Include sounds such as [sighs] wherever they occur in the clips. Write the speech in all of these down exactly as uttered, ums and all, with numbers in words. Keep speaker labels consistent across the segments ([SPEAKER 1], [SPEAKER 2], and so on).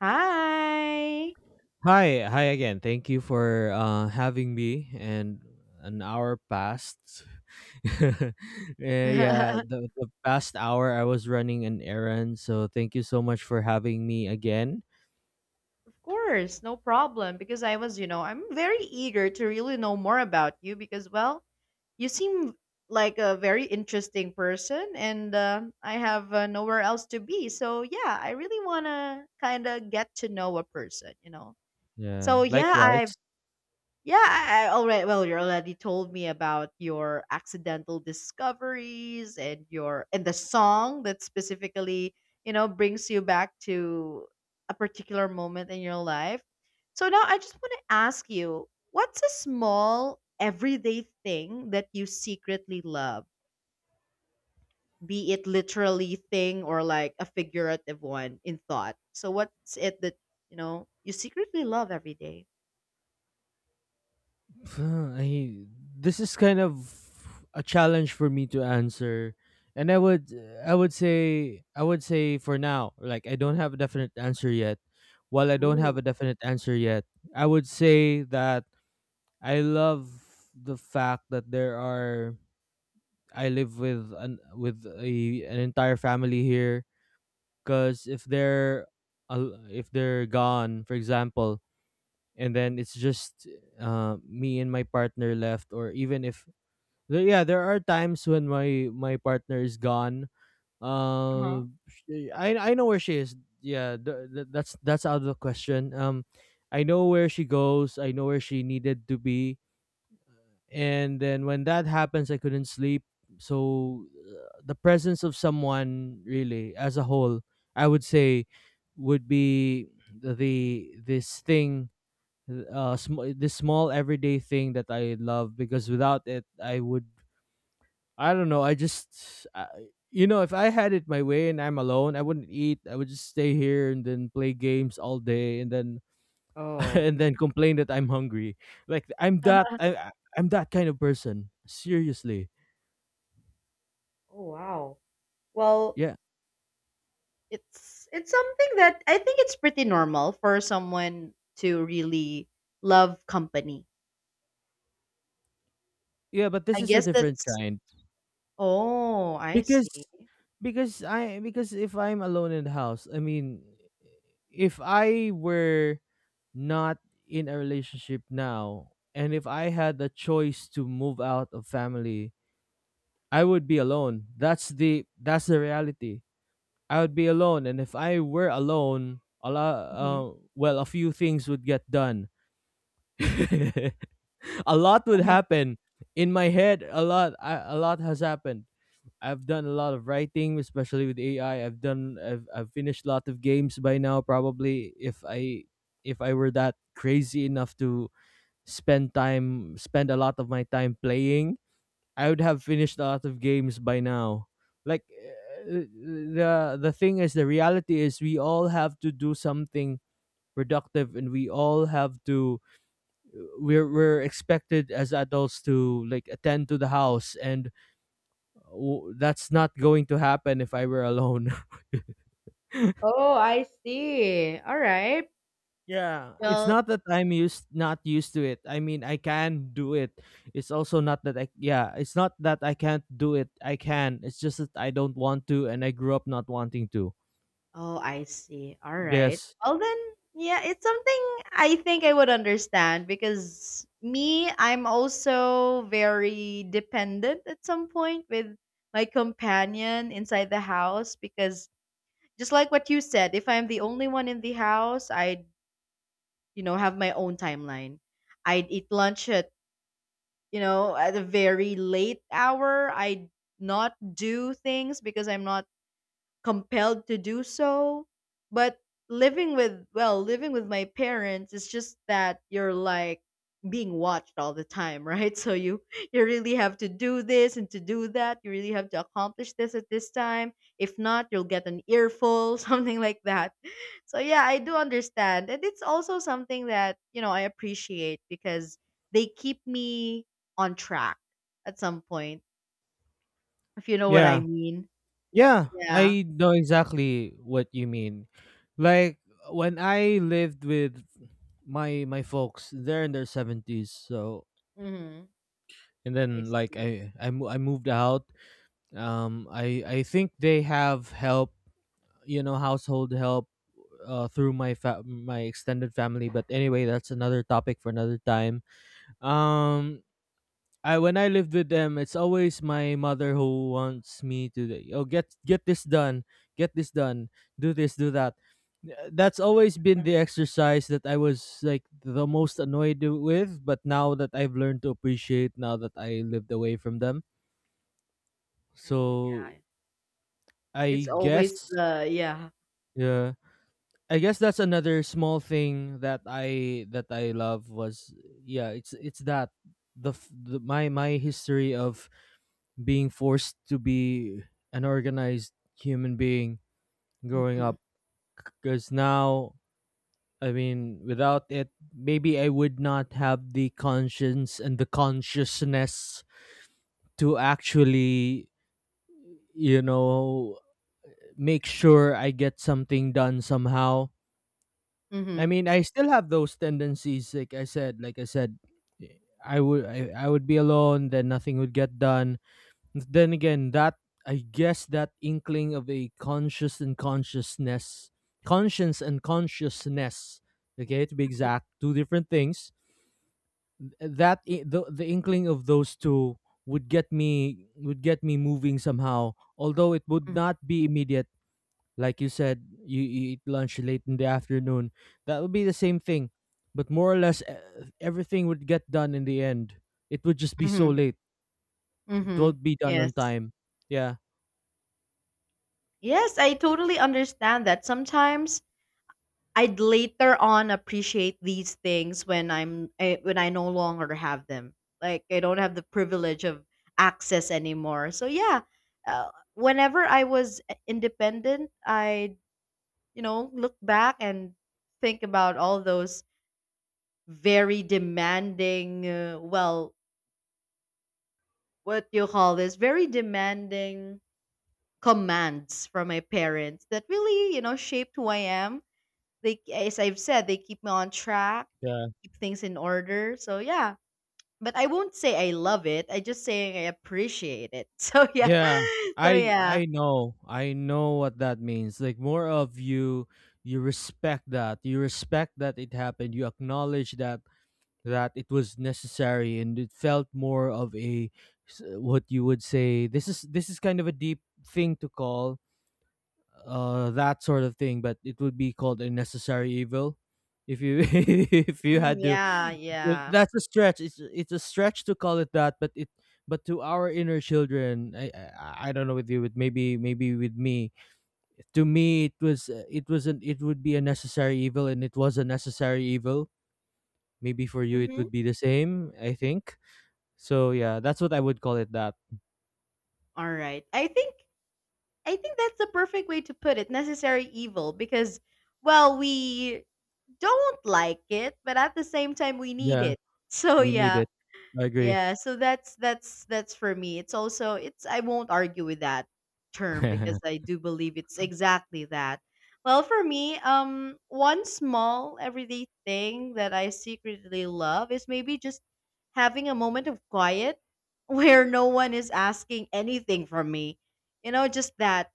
[SPEAKER 1] Hi.
[SPEAKER 2] Hi, hi again. Thank you for uh, having me. And an hour passed. [laughs] Uh, yeah,
[SPEAKER 1] [laughs]
[SPEAKER 2] the, the past hour I was running an errand. So thank you so much for having me again.
[SPEAKER 1] Of course, no problem. Because I was, you know, I'm very eager to really know more about you because, well, you seem like a very interesting person and uh, I have uh, nowhere else to be. So, yeah, I really want to kind of get to know a person, you know.
[SPEAKER 2] Yeah,
[SPEAKER 1] So, yeah, I've
[SPEAKER 2] likewise.
[SPEAKER 1] Yeah, I, I already well, you already told me about your accidental discoveries and your and the song that specifically, you know, brings you back to a particular moment in your life. So now I just want to ask you, what's a small everyday thing that you secretly love? Be it literally thing or like a figurative one in thought. So what's it that, you know, you secretly love every day?
[SPEAKER 2] [sighs] I, this is kind of a challenge for me to answer. And I would I would say I would say for now, like I don't have a definite answer yet. While I don't have
[SPEAKER 1] Ooh.
[SPEAKER 2] a definite answer yet, I would say that I love the fact that there are I live with an with a an entire family here cuz if they're al- if they're gone for example and then it's just uh, me and my partner left, or even if there, yeah, there are times when my my partner is gone, uh,
[SPEAKER 1] Uh-huh.
[SPEAKER 2] she- I I know where she is. Yeah, th- th- that's that's out of the question. um I know where she goes, I know where she needed to be, and then when that happens I couldn't sleep. So uh, the presence of someone really as a whole, I would say, would be the the- this thing, uh sm- this small everyday thing that I love, because without it I would I don't know, I just I, you know, if I had it my way and I'm alone, I wouldn't eat. I would just stay here and then play games all day and then [laughs]
[SPEAKER 1] Oh.
[SPEAKER 2] and then complain that I'm hungry. Like I'm that
[SPEAKER 1] [laughs]
[SPEAKER 2] I I- I'm that kind of person. Seriously.
[SPEAKER 1] Oh, wow. Well,
[SPEAKER 2] Yeah.
[SPEAKER 1] it's it's something that I think it's pretty normal for someone to really love company.
[SPEAKER 2] Yeah, but this
[SPEAKER 1] I
[SPEAKER 2] is a
[SPEAKER 1] guess
[SPEAKER 2] different
[SPEAKER 1] that's
[SPEAKER 2] kind.
[SPEAKER 1] Oh, I
[SPEAKER 2] Because
[SPEAKER 1] see.
[SPEAKER 2] because I because if I'm alone in the house, I mean if I were not in a relationship now and if I had the choice to move out of family, I would be alone. That's the that's the reality. I would be alone, and if I were alone, a lot,
[SPEAKER 1] Mhm.
[SPEAKER 2] uh, well, a few things would get done. [laughs] A lot would happen in my head. A lot, I, a lot has happened. I've done a lot of writing, especially with A I. I've done, I've, I've finished a lot of games by now. Probably, if I, if I were that crazy enough to spend time, spend a lot of my time playing, I would have finished a lot of games by now. Like uh, the the thing is, the reality is, we all have to do something productive, and we all have to we're we're expected as adults to like attend to the house, and w- that's not going to happen if I were alone.
[SPEAKER 1] Oh, I see. All right.
[SPEAKER 2] [laughs] Yeah, it's
[SPEAKER 1] Well,
[SPEAKER 2] not that I'm used not used to it, I mean I can do it. It's also not that I yeah, it's not that I can't do it, I can, it's just that I don't want to and I grew up not wanting to.
[SPEAKER 1] oh, I see. All right.
[SPEAKER 2] Yes.
[SPEAKER 1] Well then, yeah, it's something I think I would understand because me, I'm also very dependent at some point with my companion inside the house because just like what you said, if I'm the only one in the house, I'd, you know, have my own timeline. I'd eat lunch at, you know, at a very late hour. I'd not do things because I'm not compelled to do so. But living with well, living with my parents, it's just that you're like being watched all the time, right? [laughs] So you you really have to do this and to do that. You really have to accomplish this at this time. If not, you'll get an earful, [laughs] something like that. So yeah, I do understand. And it's also something that, you know, I appreciate because they keep me on track at some point, if you know what I
[SPEAKER 2] Yeah,
[SPEAKER 1] mean.
[SPEAKER 2] yeah,
[SPEAKER 1] Yeah.
[SPEAKER 2] I know exactly what you mean. Like when I lived with my my folks, they're in their seventies. So
[SPEAKER 1] Hmm.
[SPEAKER 2] and
[SPEAKER 1] I
[SPEAKER 2] then like
[SPEAKER 1] see.
[SPEAKER 2] I I, mo- I moved out. Um, I I think they have help, you know, household help uh, through my fa- my extended family. But anyway, that's another topic for another time. Um, I when I lived with them, it's always my mother who wants me to like, oh, get get this done, get this done, do this, do that. Uh, That's always been the exercise that I was like the most annoyed with, but now that I've learned to appreciate now that I lived away from them.
[SPEAKER 1] Oh, yeah.
[SPEAKER 2] So
[SPEAKER 1] It's
[SPEAKER 2] I
[SPEAKER 1] always
[SPEAKER 2] guess
[SPEAKER 1] the Yeah.
[SPEAKER 2] yeah, I guess that's another small thing that I that I love was yeah, it's it's that the, f- the my my history of being forced to be an organized human being growing
[SPEAKER 1] Mhm.
[SPEAKER 2] up, because now, I mean without it maybe I would not have the conscience and the consciousness to actually, you know, make sure I get something done somehow. I
[SPEAKER 1] Mhm.
[SPEAKER 2] mean, I still have those tendencies. Like I said, like I said, eh, I would I, I would be alone. Then nothing would get done. Then again, that I guess that inkling of a conscious and consciousness, conscience and consciousness. Okay, to be
[SPEAKER 1] Mhm.
[SPEAKER 2] exact, two different things. That i- the the inkling of those two would get me would get me moving somehow. Although it would
[SPEAKER 1] Mhm.
[SPEAKER 2] not be immediate. Like you said, you, you eat lunch late in the afternoon. That would be the same thing, but more or less e- everything would get done in the end. It would just be so
[SPEAKER 1] Mhm.
[SPEAKER 2] late. It
[SPEAKER 1] Mhm.
[SPEAKER 2] won't be done on
[SPEAKER 1] Yes.
[SPEAKER 2] time. Yeah.
[SPEAKER 1] Yes, I totally understand that. Sometimes I'd later on appreciate these things when I'm eh, when I no longer have them. Like I don't have the privilege of access anymore. So yeah, uh, whenever I was i- independent, I, you know look back and think about all those very demanding, uh, well, what you call this very demanding commands from my parents that really you know shaped who I am. They, as I've said, they keep me on track,
[SPEAKER 2] Yeah.
[SPEAKER 1] keep things in order. So yeah, but I won't say I love it, I just saying I appreciate it. [laughs] So yeah.
[SPEAKER 2] Yeah.
[SPEAKER 1] So
[SPEAKER 2] I
[SPEAKER 1] yeah.
[SPEAKER 2] I know. I know what that means. Like more of you you respect that. You respect that it happened. You acknowledge that that it was necessary and it felt more of a s- what you would say, this is this is kind of a deep thing to call uh that sort of thing, but it would be called a necessary evil, if you [laughs] if you
[SPEAKER 1] Mm,
[SPEAKER 2] had to.
[SPEAKER 1] yeah, yeah.
[SPEAKER 2] That's a stretch, it's it's a stretch to call it that, but it but to our inner children i i, I don't know with you, but maybe maybe with me, to me it was uh, it wasn't it would be a necessary evil and it was a necessary evil. Maybe for you it
[SPEAKER 1] Hmm.
[SPEAKER 2] would be the same, I think. So yeah, that's what I would call it, that
[SPEAKER 1] All right, i think i think that's the perfect way to put it, necessary evil, because well we don't like it but at the same time we need
[SPEAKER 2] yeah,
[SPEAKER 1] it. [laughs] So
[SPEAKER 2] we need
[SPEAKER 1] yeah.
[SPEAKER 2] it. I agree.
[SPEAKER 1] Yeah, so that's that's that's for me. It's also it's I won't argue with that term because
[SPEAKER 2] [laughs]
[SPEAKER 1] I do believe it's exactly that. Well, for me, um one small everyday thing that I secretly love is maybe just having a moment of quiet [laughs] where no one is asking anything from me. You know, just that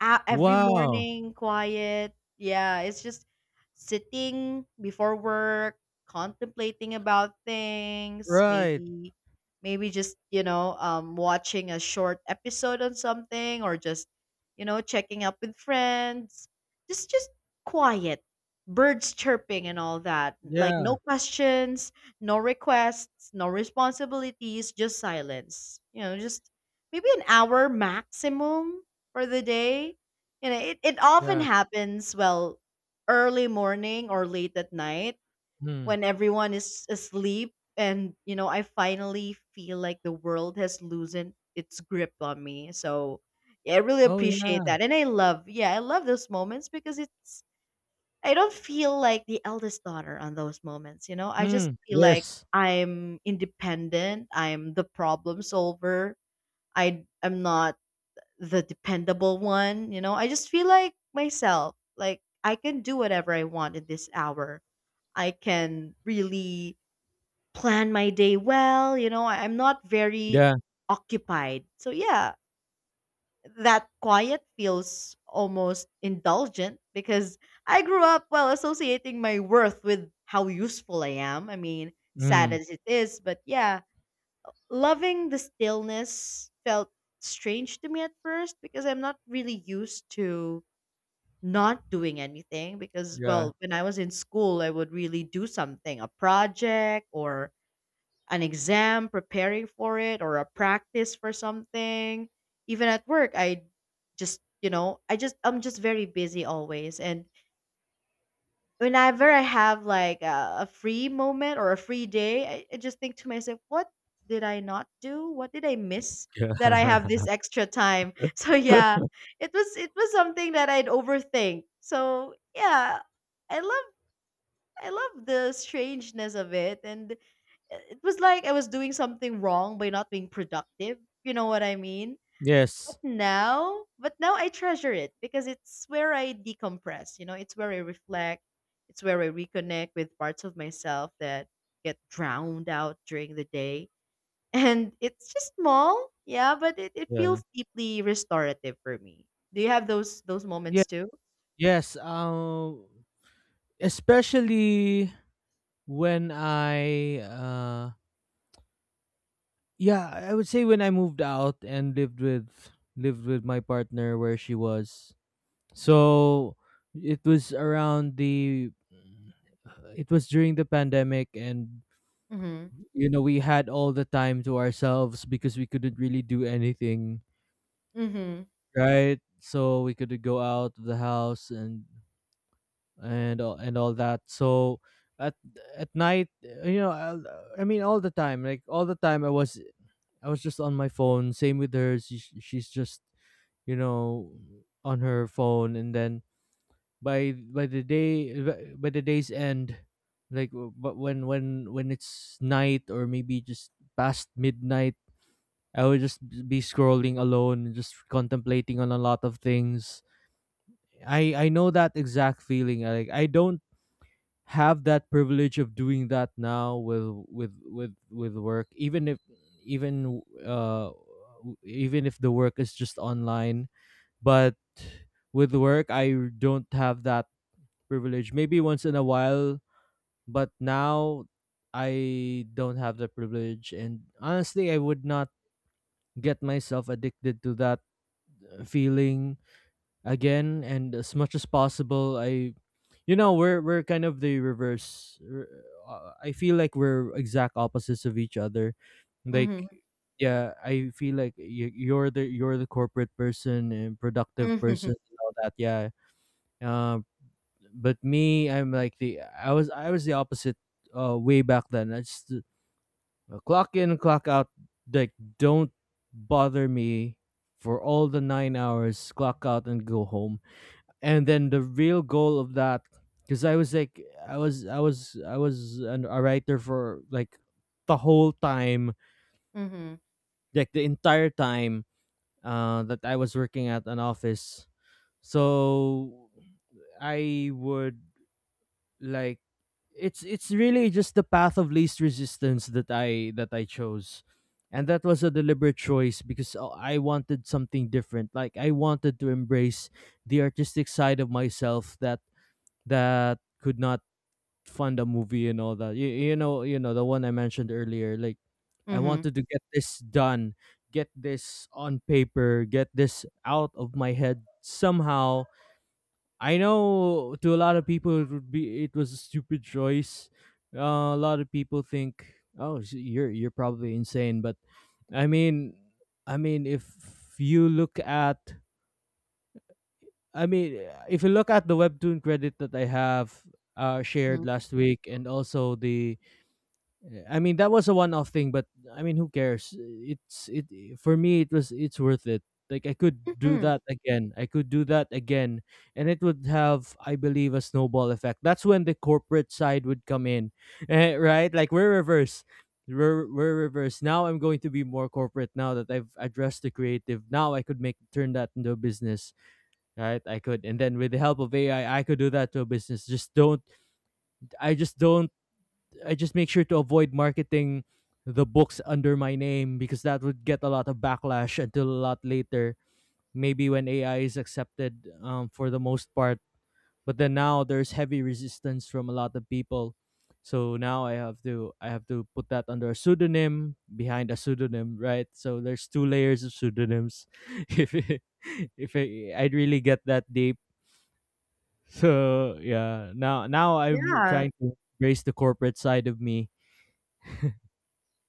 [SPEAKER 1] out every
[SPEAKER 2] Wow.
[SPEAKER 1] morning, quiet. Yeah, it's just sitting before work, contemplating about things,
[SPEAKER 2] Right.
[SPEAKER 1] maybe maybe just, you know, um watching a short episode on something or just, you know, checking up with friends. Just just quiet. Birds chirping and all that. Like
[SPEAKER 2] Yeah.
[SPEAKER 1] no questions, no requests, no responsibilities, just silence. You know, just maybe an hour maximum for the day. You know, it, it often
[SPEAKER 2] Yeah.
[SPEAKER 1] happens, well, early morning or late at night
[SPEAKER 2] Mm.
[SPEAKER 1] when everyone is asleep and, you know, I finally feel like the world has loosened its grip on me. So yeah, I really
[SPEAKER 2] Oh,
[SPEAKER 1] appreciate
[SPEAKER 2] yeah.
[SPEAKER 1] that. And I love, yeah, I love those moments because it's, I don't feel like the eldest daughter on those moments, you know? I just
[SPEAKER 2] Mm.
[SPEAKER 1] feel like
[SPEAKER 2] Yes.
[SPEAKER 1] I'm independent, I'm the problem solver. I am not the dependable one. You know, I just feel like myself, like I can do whatever I want in this hour. I can really plan my day well. You know, I- I'm not very
[SPEAKER 2] Yeah.
[SPEAKER 1] occupied. So, yeah, that quiet feels almost indulgent because I grew up, well, associating my worth with how useful I am. I mean, sad
[SPEAKER 2] Mm.
[SPEAKER 1] as it is, but yeah, loving the stillness felt strange to me at first because I'm not really used to not doing anything, because
[SPEAKER 2] Yeah.
[SPEAKER 1] well when I was in school I would really do something, a project or an exam, preparing for it, or a practice for something. Even at work I just you know I just I'm just very busy always. And whenever I have like a, a free moment or a free day, I, I just think to myself, what did I not do? What did I miss that I have
[SPEAKER 2] Yeah.
[SPEAKER 1] this
[SPEAKER 2] [laughs]
[SPEAKER 1] extra time? [laughs] So yeah, it was it was something that I'd overthink. So yeah, I love I love the strangeness of it, and it was like I was doing something wrong by not being productive. You know what I mean? But
[SPEAKER 2] Yes.
[SPEAKER 1] now, but now I treasure it because it's where I decompress, you know, it's where I reflect, it's where I reconnect with parts of myself that get drowned out during the day. [laughs] And it's just small, yeah, but it, it
[SPEAKER 2] Yeah.
[SPEAKER 1] feels deeply restorative for me. Do you have those those moments
[SPEAKER 2] Yeah.
[SPEAKER 1] too?
[SPEAKER 2] Yes. Um. Especially when I. Uh. Yeah. I would say when I moved out and lived with lived with my partner where she was. So it was around the. It was during the pandemic, and
[SPEAKER 1] Mm-hmm.
[SPEAKER 2] you know we had all the time to ourselves because we couldn't really do anything,
[SPEAKER 1] Mm-hmm.
[SPEAKER 2] right? So we could go out of the house and and all- and all that. So at at night, uh, you know, I, I mean, all the time, like all the time, I was I was just on my phone. Same with her. She, she's just, you know, on her phone, and then by by the day, uh, by the day's end, like w- but when when when it's night, or maybe just past midnight, I would just be scrolling alone, and just contemplating on a lot of things. I I know that exact feeling. Like I don't have that privilege of doing that now with with with with work. Even if even uh w- even if the work is just online, but with work I don't have that privilege. Maybe once in a while, but now I don't have the privilege. And honestly, I would not get myself addicted to that uh, feeling again, and as much as possible I, you know, we're we're kind of the reverse r- uh, I feel like we're exact opposites of each other, like
[SPEAKER 1] Mm-hmm.
[SPEAKER 2] yeah I feel like y- you're the you're the corporate person and productive
[SPEAKER 1] Mm-hmm.
[SPEAKER 2] person and all that, yeah. uh, but me, I'm like the i was I was the opposite uh way back then. I just uh, clock in, clock out, like don't bother me for all the nine hours, clock out and go home. And then the real goal of that, because I was like, i was i was I was an, a writer for like the whole time,
[SPEAKER 1] Mm-hmm.
[SPEAKER 2] like the entire time uh that I was working at an office. So I would like it's it's really just the path of least resistance that i that I chose. And that was a deliberate choice because, uh, I wanted something different, like I wanted to embrace the artistic side of myself that that could not Fonda movie and all that. You, you know, you know the one I mentioned earlier. Like I
[SPEAKER 1] Mm-hmm.
[SPEAKER 2] wanted to get this done, get this on paper, get this out of my head somehow. I know to a lot of people it would be it was a stupid choice. Uh, a lot of people think, "Oh, s- you're you're probably insane," but I mean, I mean if you look at I mean, if you look at the webtoon credit that I have uh, shared last week, and also the Eh, I mean, that was a one-off thing, but I mean, who cares? It's it for me, it was it's worth it. Like I could do
[SPEAKER 1] Mm-hmm.
[SPEAKER 2] that again. I could do that again, and it would have, I believe, a snowball effect. That's when the corporate side would come in, [laughs] eh, right? Like we're reverse. We're, we're reverse. Now I'm going to be more corporate. Now that I've addressed the creative, now I could make turn that into a business, right? I could, and then with the help of A I, I I could do that to a business. Just don't. I just don't I just make sure to avoid marketing the books under my name because that would get a lot of backlash until a lot later. Maybe when A I is accepted um, for the most part, but then now there's heavy resistance from a lot of people. So now I have to I have to put that under a pseudonym behind a pseudonym, right? So there's two layers of pseudonyms. [laughs] if it- if I, I'd really get that deep, so yeah. Now now I'm
[SPEAKER 1] Yeah.
[SPEAKER 2] trying to embrace the corporate side of me.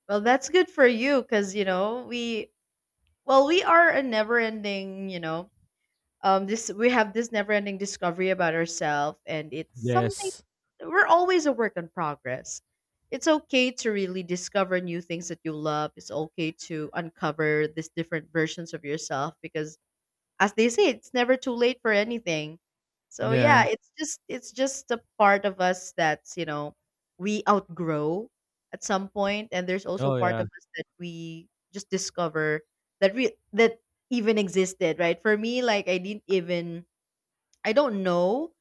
[SPEAKER 1] Well, that's good for you because, you know, we, well, we are a never ending, you know, um this we have this never ending discovery about ourselves, and it's something
[SPEAKER 2] Yes.
[SPEAKER 1] we're always a work in progress. It's okay to really discover new things that you love, it's okay to uncover these different versions of yourself, because as they say, it's never too late for anything. So yeah,
[SPEAKER 2] Yeah.
[SPEAKER 1] it's just it's just a part of us that's, you know, we outgrow at some point, and there's also
[SPEAKER 2] Oh,
[SPEAKER 1] part of
[SPEAKER 2] yeah.
[SPEAKER 1] us that we just discover that we that even existed, right? For me, like I didn't even I don't know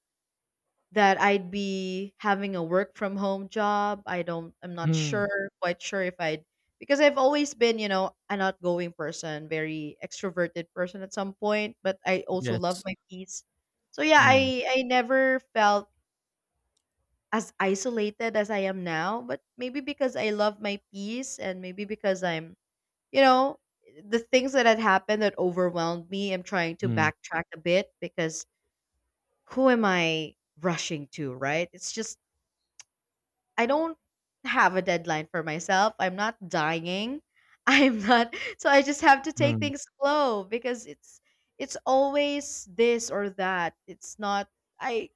[SPEAKER 1] that I'd be having a work from home job. I don't I'm not
[SPEAKER 2] Mm.
[SPEAKER 1] sure, quite sure if I'd, because I've always been, you know, an outgoing person, very extroverted person at some point, but I also love
[SPEAKER 2] Yes.
[SPEAKER 1] my peace. So yeah,
[SPEAKER 2] Mm.
[SPEAKER 1] I I never felt as isolated as I am now, but maybe because I love my peace and maybe because I'm, you know, the things that had happened that overwhelmed me, I'm trying to
[SPEAKER 2] Mm.
[SPEAKER 1] backtrack a bit because who am I rushing to, right? It's just I don't have a deadline for myself. I'm not dying. [laughs] I'm not So I just have to take
[SPEAKER 2] Mm.
[SPEAKER 1] things slow because it's it's always this or that. It's not, I,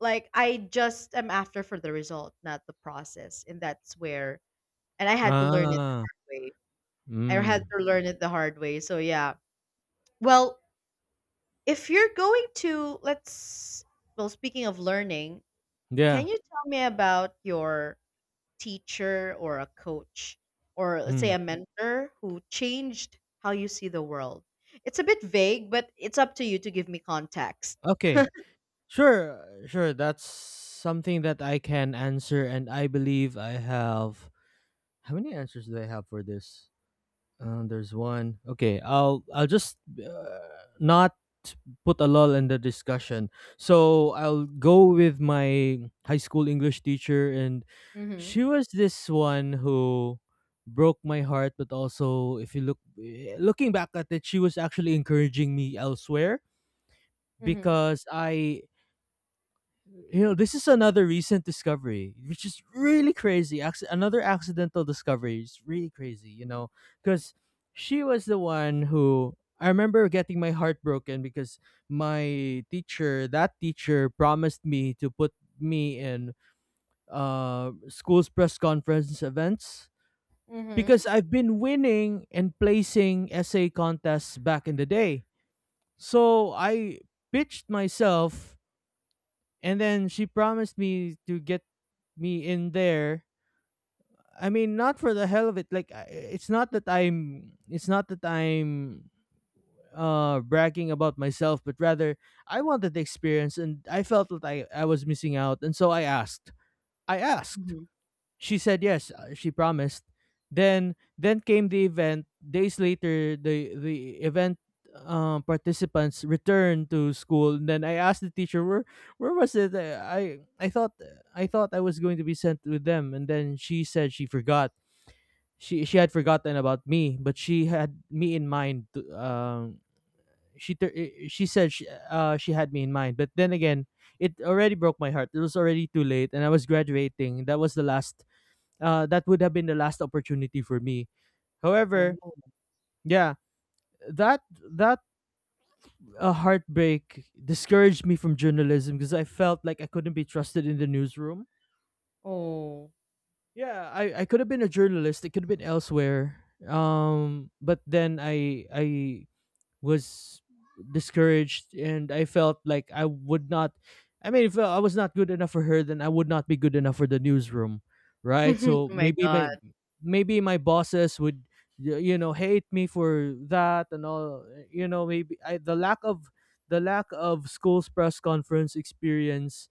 [SPEAKER 1] like, I just am after for the result, not the process. And that's where and I had to learn it the
[SPEAKER 2] Ah.
[SPEAKER 1] hard way. I had
[SPEAKER 2] Mm.
[SPEAKER 1] to learn it the hard way. So yeah. Well, if you're going to let's well speaking of learning,
[SPEAKER 2] Yeah.
[SPEAKER 1] can you tell me about your teacher or a coach or let's say
[SPEAKER 2] Mm.
[SPEAKER 1] a mentor who changed how you see the world? It's a bit vague, but it's up to you to give me context.
[SPEAKER 2] Okay. Sure. uh, Sure. That's something that I can answer, and I believe I have. How many answers do I have for this? Uh, there's one. Okay, I'll I'll just uh, not put a lull in the discussion. So I'll go with my high school English teacher, and
[SPEAKER 1] Mhm.
[SPEAKER 2] she was this one who broke my heart. But also, if you look eh, looking back at it, she was actually encouraging me elsewhere
[SPEAKER 1] Mhm.
[SPEAKER 2] because I you know, this is another recent discovery, which is really crazy. Acc- another accidental discovery. Is really crazy, you know, because she was the one who I remember getting my heart broken because my teacher, that teacher, promised me to put me in uh, school's press conference events
[SPEAKER 1] Mhm.
[SPEAKER 2] because I've been winning and placing essay contests back in the day. So I pitched myself, and then she promised me to get me in there. I mean, not for the hell of it. Like, I- it's not that I'm, it's not that I'm uh bragging about myself, but rather I wanted the experience, and I felt that I I was missing out, and so I asked. I asked,
[SPEAKER 1] Mhm.
[SPEAKER 2] she said yes, uh, she promised. Then then came the event, days later the the event um, participants returned to school, and then I asked the teacher where where was it. Uh, i i thought, I thought I was going to be sent with them, and then she said she forgot, she she had forgotten about me, but she had me in mind to- um she tur- i- she said, she, uh she had me in mind. But then again, it already broke my heart, it was already too late, and I was graduating. That was the last, uh, that would have been the last opportunity for me.
[SPEAKER 1] Oh.
[SPEAKER 2] However, yeah, that that uh, heartbreak discouraged me from journalism because I felt like I couldn't be trusted in the newsroom.
[SPEAKER 1] Oh.
[SPEAKER 2] Yeah, I, I could have been a journalist. It could have been elsewhere. Um, but then I I was discouraged, and I felt like I would not, I mean, if I was not good enough for her, then I would not be good enough for the newsroom, right?
[SPEAKER 1] [laughs]
[SPEAKER 2] So
[SPEAKER 1] Oh my
[SPEAKER 2] maybe
[SPEAKER 1] god.
[SPEAKER 2] my, maybe my bosses would y- you know hate me for that, and all, you know, maybe I, the lack of, the lack of school's press conference experience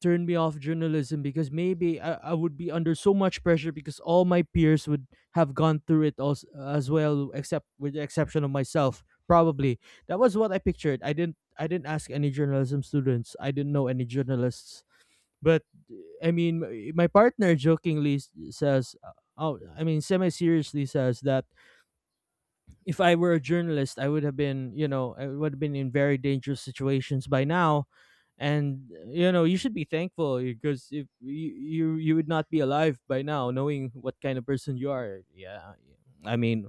[SPEAKER 2] turn me off journalism because maybe I, I would be under so much pressure because all my peers would have gone through it also, as well, except with the exception of myself probably. That was what I pictured. I didn't i didn't ask any journalism students. I didn't know any journalists. But eh, I mean, my my partner jokingly s- says, uh, oh I mean, semi seriously, says that if I were a journalist, I would have been, you know, I would have been in very dangerous situations by now. And you know, you should be thankful because if you you, you would not be alive by now, knowing what kind of person you are. Yeah, I mean,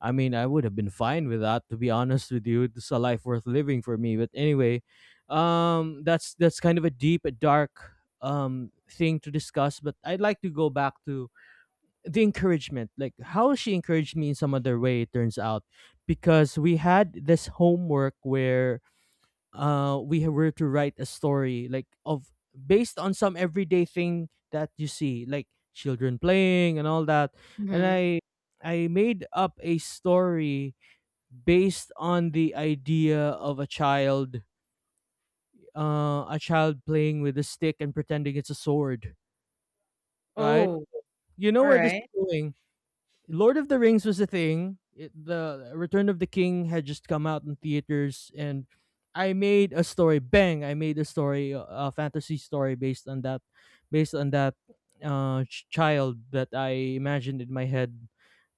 [SPEAKER 2] I mean, I would have been fine with that. To be honest with you, it's a life worth living for me. But anyway, um, that's that's kind of a deep, a dark um thing to discuss. But I'd like to go back to the encouragement, like how she encouraged me in some other way, it turns out, because we had this homework where uh we were to write a story, like, of based on some everyday thing that you see, like children playing and all that. And
[SPEAKER 1] Mhm.
[SPEAKER 2] i i made up a story based on the idea of a child, uh a child playing with a stick and pretending it's a sword, right?
[SPEAKER 1] Oh,
[SPEAKER 2] You
[SPEAKER 1] all
[SPEAKER 2] know where this is
[SPEAKER 1] right.
[SPEAKER 2] going. Lord of the Rings was a thing. It, the Return of the King had just come out in theaters, and I made a story. Bang! I made a story, a fantasy story based on that, based on that uh, ch- child that I imagined in my head.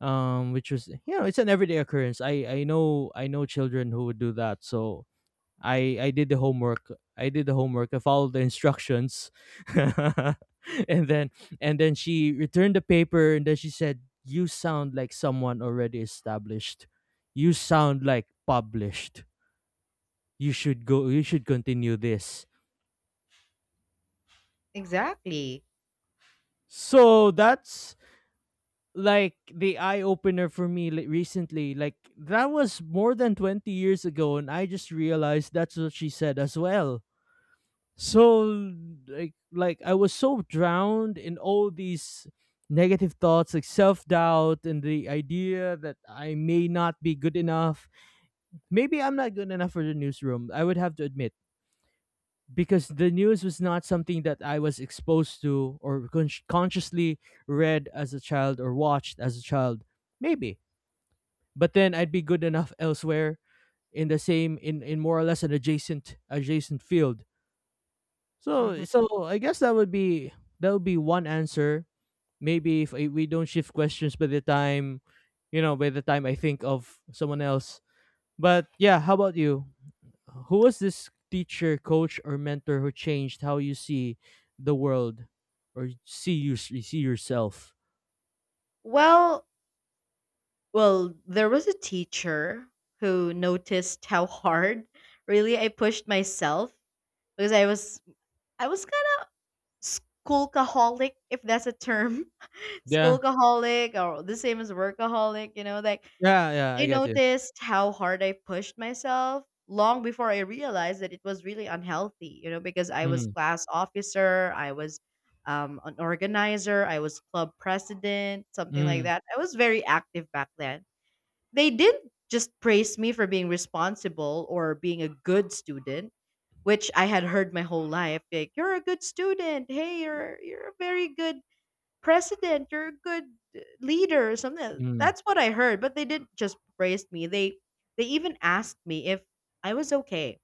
[SPEAKER 2] Um, which was, you know, it's an everyday occurrence. I I know I know children who would do that. So I I did the homework. I did the homework. I followed the instructions. [laughs] And then, and then she returned the paper, and then she said, "You sound like someone already established. You sound like published. You should go you should continue this."
[SPEAKER 1] Exactly.
[SPEAKER 2] So that's like the eye opener for me li- recently. Like that was more than twenty years ago, and I just realized that's what she said as well. So, like like I was so drowned in all these negative thoughts, like self-doubt and the idea that I may not be good enough. Maybe I'm not good enough for the newsroom, I would have to admit, because the news was not something that I was exposed to or con- consciously read as a child or watched as a child, maybe. But then I'd be good enough elsewhere, in the same, in in more or less an adjacent adjacent field. So
[SPEAKER 1] Mhm.
[SPEAKER 2] so I guess that would be, that would be one answer. Maybe if I, we don't shift questions by the time, you know, by the time I think of someone else. But yeah, how about you? Who was this teacher, coach, or mentor who changed how you see the world or see you see yourself?
[SPEAKER 1] Well, well, there was a teacher who noticed how hard really I pushed myself, because I was I was kind of schoolaholic, if that's a term, [laughs]
[SPEAKER 2] Yeah,
[SPEAKER 1] schoolaholic or the same as workaholic, you know, like
[SPEAKER 2] yeah, yeah. I
[SPEAKER 1] they
[SPEAKER 2] got you.
[SPEAKER 1] noticed how hard I pushed myself long before I realized that it was really unhealthy, you know, because I was
[SPEAKER 2] Mm,
[SPEAKER 1] class officer, I was um, an organizer, I was club president, something like
[SPEAKER 2] mm,
[SPEAKER 1] that. I was very active back then. They didn't just praise me for being responsible or being a good student, which I had heard my whole life. Like, you're a good student. Hey, you're you're a very good president. You're a good uh, leader or something.
[SPEAKER 2] mm,
[SPEAKER 1] That's what I heard, but they didn't just praise me. They they even asked me if I was okay.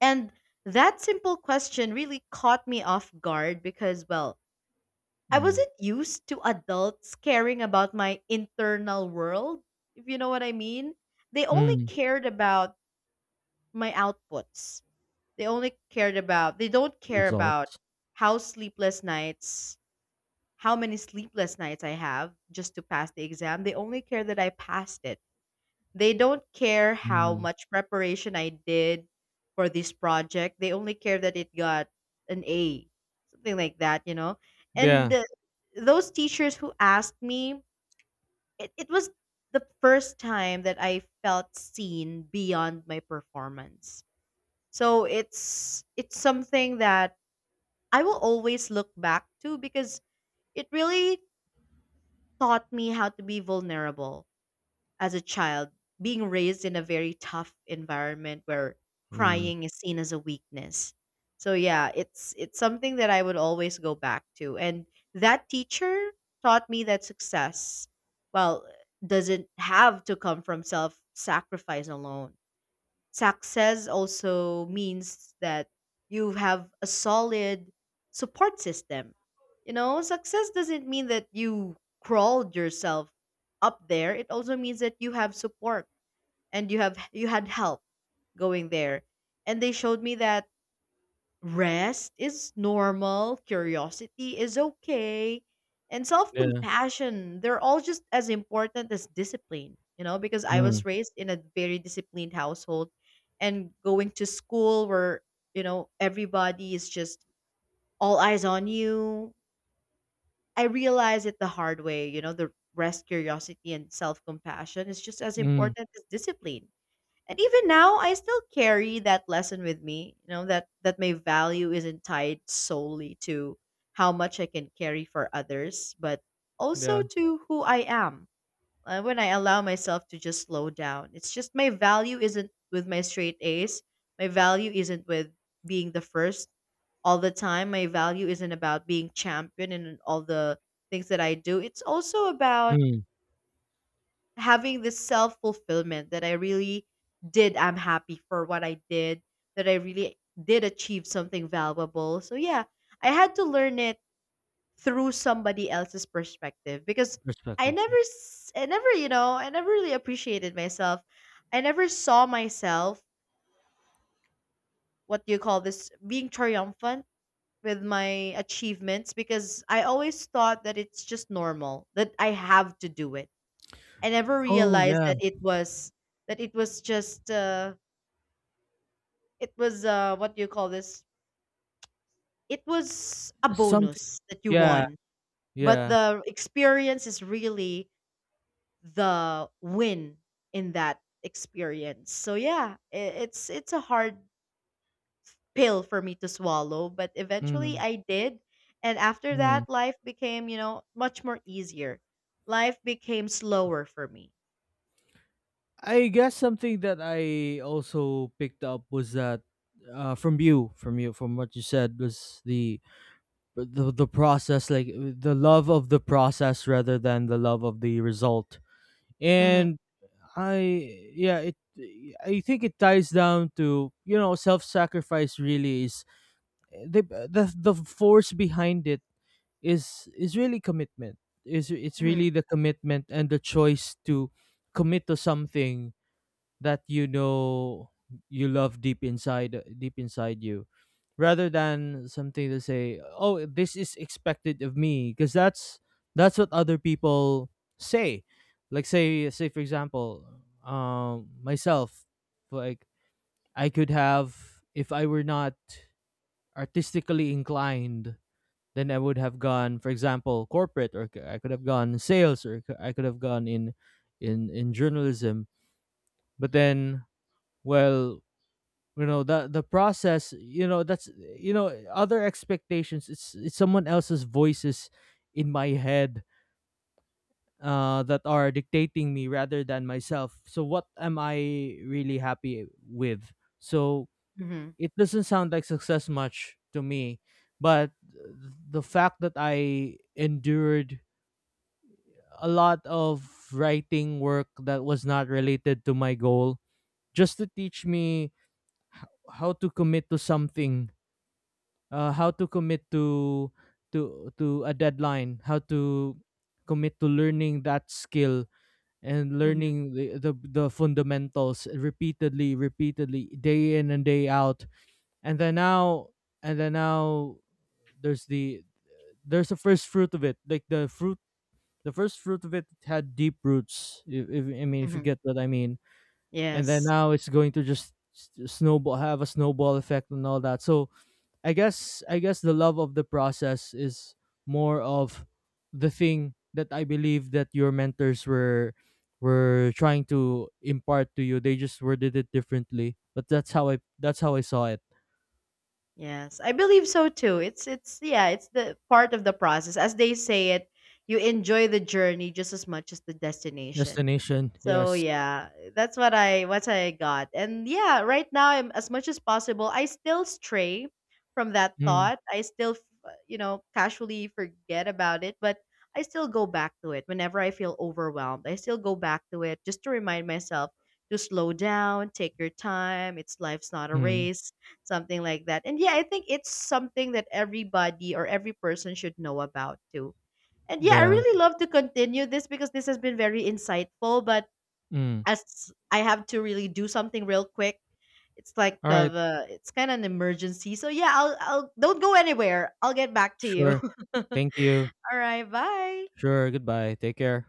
[SPEAKER 1] And that simple question really caught me off guard because well, I
[SPEAKER 2] mm,
[SPEAKER 1] wasn't used to adults caring about my internal world, if you know what I mean. They only
[SPEAKER 2] mm.
[SPEAKER 1] cared about my outputs. They only cared about, they don't care about
[SPEAKER 2] Result.
[SPEAKER 1] how sleepless nights, how many sleepless nights I have just to pass the exam. They only care that I passed it. They don't care how
[SPEAKER 2] Mm.
[SPEAKER 1] much preparation I did for this project. They only care that it got an A, something like that, you know. And
[SPEAKER 2] Yeah.
[SPEAKER 1] the, those teachers who asked me, it, it was the first time that I felt seen beyond my performance. So it's it's something that I will always look back to because it really taught me how to be vulnerable as a child, being raised in a very tough environment where
[SPEAKER 2] Mm.
[SPEAKER 1] crying is seen as a weakness. So yeah, it's it's something that I would always go back to. And that teacher taught me that success, well, doesn't have to come from self-sacrifice alone. Success also means that you have a solid support system. You know, success doesn't mean that you crawled yourself up there. It also means that you have support and you have you had help going there. And they showed me that rest is normal, curiosity is okay, and self
[SPEAKER 2] Yeah.
[SPEAKER 1] compassion, they're all just as important as discipline, you know, because I
[SPEAKER 2] Mm.
[SPEAKER 1] was raised in a very disciplined household and going to school where, you know, everybody is just all eyes on you. I realized it the hard way, you know, the rest, curiosity, and self compassion is just as
[SPEAKER 2] Mm.
[SPEAKER 1] important as discipline. And even now, I still carry that lesson with me, you know, that that my value isn't tied solely to how much I can carry for others, but
[SPEAKER 2] Yeah.
[SPEAKER 1] also to who I am. Uh, when I allow myself to just slow down, it's just my value isn't with my straight A's. My value isn't with being the first all the time. My value isn't about being champion in all the things that I do. It's also about
[SPEAKER 2] Mm.
[SPEAKER 1] having this self fulfillment that I really did. I'm happy for what I did, that I really did achieve something valuable. So, yeah, I had to learn it through somebody else's perspective because I
[SPEAKER 2] Perspective.
[SPEAKER 1] never, s- I never, you know, I never really appreciated myself. I never saw myself, what do you call this, being triumphant with my achievements because I always thought that it's just normal, that I have to do it. I never
[SPEAKER 2] Oh,
[SPEAKER 1] realized
[SPEAKER 2] yeah.
[SPEAKER 1] that it was that it was just uh, it was uh, what do you call this? It was a
[SPEAKER 2] Something,
[SPEAKER 1] bonus that you
[SPEAKER 2] yeah,
[SPEAKER 1] won, but
[SPEAKER 2] yeah.
[SPEAKER 1] the experience is really the win in that experience. So yeah, i- it's it's a hard pill for me to swallow, but eventually
[SPEAKER 2] Mm,
[SPEAKER 1] I did, and after
[SPEAKER 2] mm.
[SPEAKER 1] that, life became, you know, much more easier. Life became slower for me.
[SPEAKER 2] I guess something that I also picked up was that, uh, from you, from you, from what you said was the the the process, like uh, the love of the process rather than the love of the result.
[SPEAKER 1] Mm-hmm,
[SPEAKER 2] And I, yeah, it. I think it ties down to, you know, self sacrifice. Really, is eh, the the the force behind it is is really commitment. Is It's
[SPEAKER 1] mm-hmm,
[SPEAKER 2] really the commitment and the choice to commit to something that, you know, you love deep inside, deep inside you, rather than something to say, oh, this is expected of me, because that's that's what other people say. Like, say say, for example, um myself, like, I could have, if I were not artistically inclined, then I would have gone, for example, corporate, or c- I could have gone sales, or c- I could have gone in, in in journalism. But then, well, you know, the the process, you know, that's, you know, other expectations. It's it's someone else's voices in my head, uh, that are dictating me rather than myself. So what am I really happy with? So
[SPEAKER 1] mm-hmm,
[SPEAKER 2] it doesn't sound like success much to me, but the fact that I endured a lot of writing work that was not related to my goal, just to teach me, h- how to commit to something, uh, how to commit to, to to a deadline, how to commit to learning that skill, and
[SPEAKER 1] mm-hmm,
[SPEAKER 2] learning the, the the fundamentals repeatedly, repeatedly, day in and day out, and then now, and then now there's the, there's the first fruit of it, like the fruit. The first fruit of it had deep roots. If, if I mean, if you
[SPEAKER 1] mm-hmm.
[SPEAKER 2] get what I mean, and then
[SPEAKER 1] Yes.
[SPEAKER 2] now it's going to just s- snowball, have a snowball effect and all that. So I guess I guess the love of the process is more of the thing that I believe that your mentors were were trying to impart to you. They just worded it differently, but that's how I that's how I saw it.
[SPEAKER 1] Yes, I believe so too. It's it's yeah, it's the part of the process. As they say it, you enjoy the journey just as much as the destination.
[SPEAKER 2] Destination,
[SPEAKER 1] So
[SPEAKER 2] yes.
[SPEAKER 1] yeah, that's what I what I got. And yeah, right now I'm as much as possible. I still stray from that
[SPEAKER 2] Mm,
[SPEAKER 1] thought. I still f- you know casually forget about it, but I still go back to it whenever I feel overwhelmed. I still go back to it just to remind myself to slow down, take your time. It's life's not a
[SPEAKER 2] mm,
[SPEAKER 1] race, something like that. And yeah, I think it's something that everybody or every person should know about too. And yeah, I
[SPEAKER 2] yeah.
[SPEAKER 1] really love to continue this because this has been very insightful. But
[SPEAKER 2] Mm.
[SPEAKER 1] as I have to really do something real quick, it's like
[SPEAKER 2] All right,
[SPEAKER 1] of a, it's kind of an emergency. So yeah, I'll I'll don't go anywhere. I'll get back to you.
[SPEAKER 2] sure.
[SPEAKER 1] [laughs] All
[SPEAKER 2] Thank you.
[SPEAKER 1] right, bye.
[SPEAKER 2] Sure. Goodbye. Take care.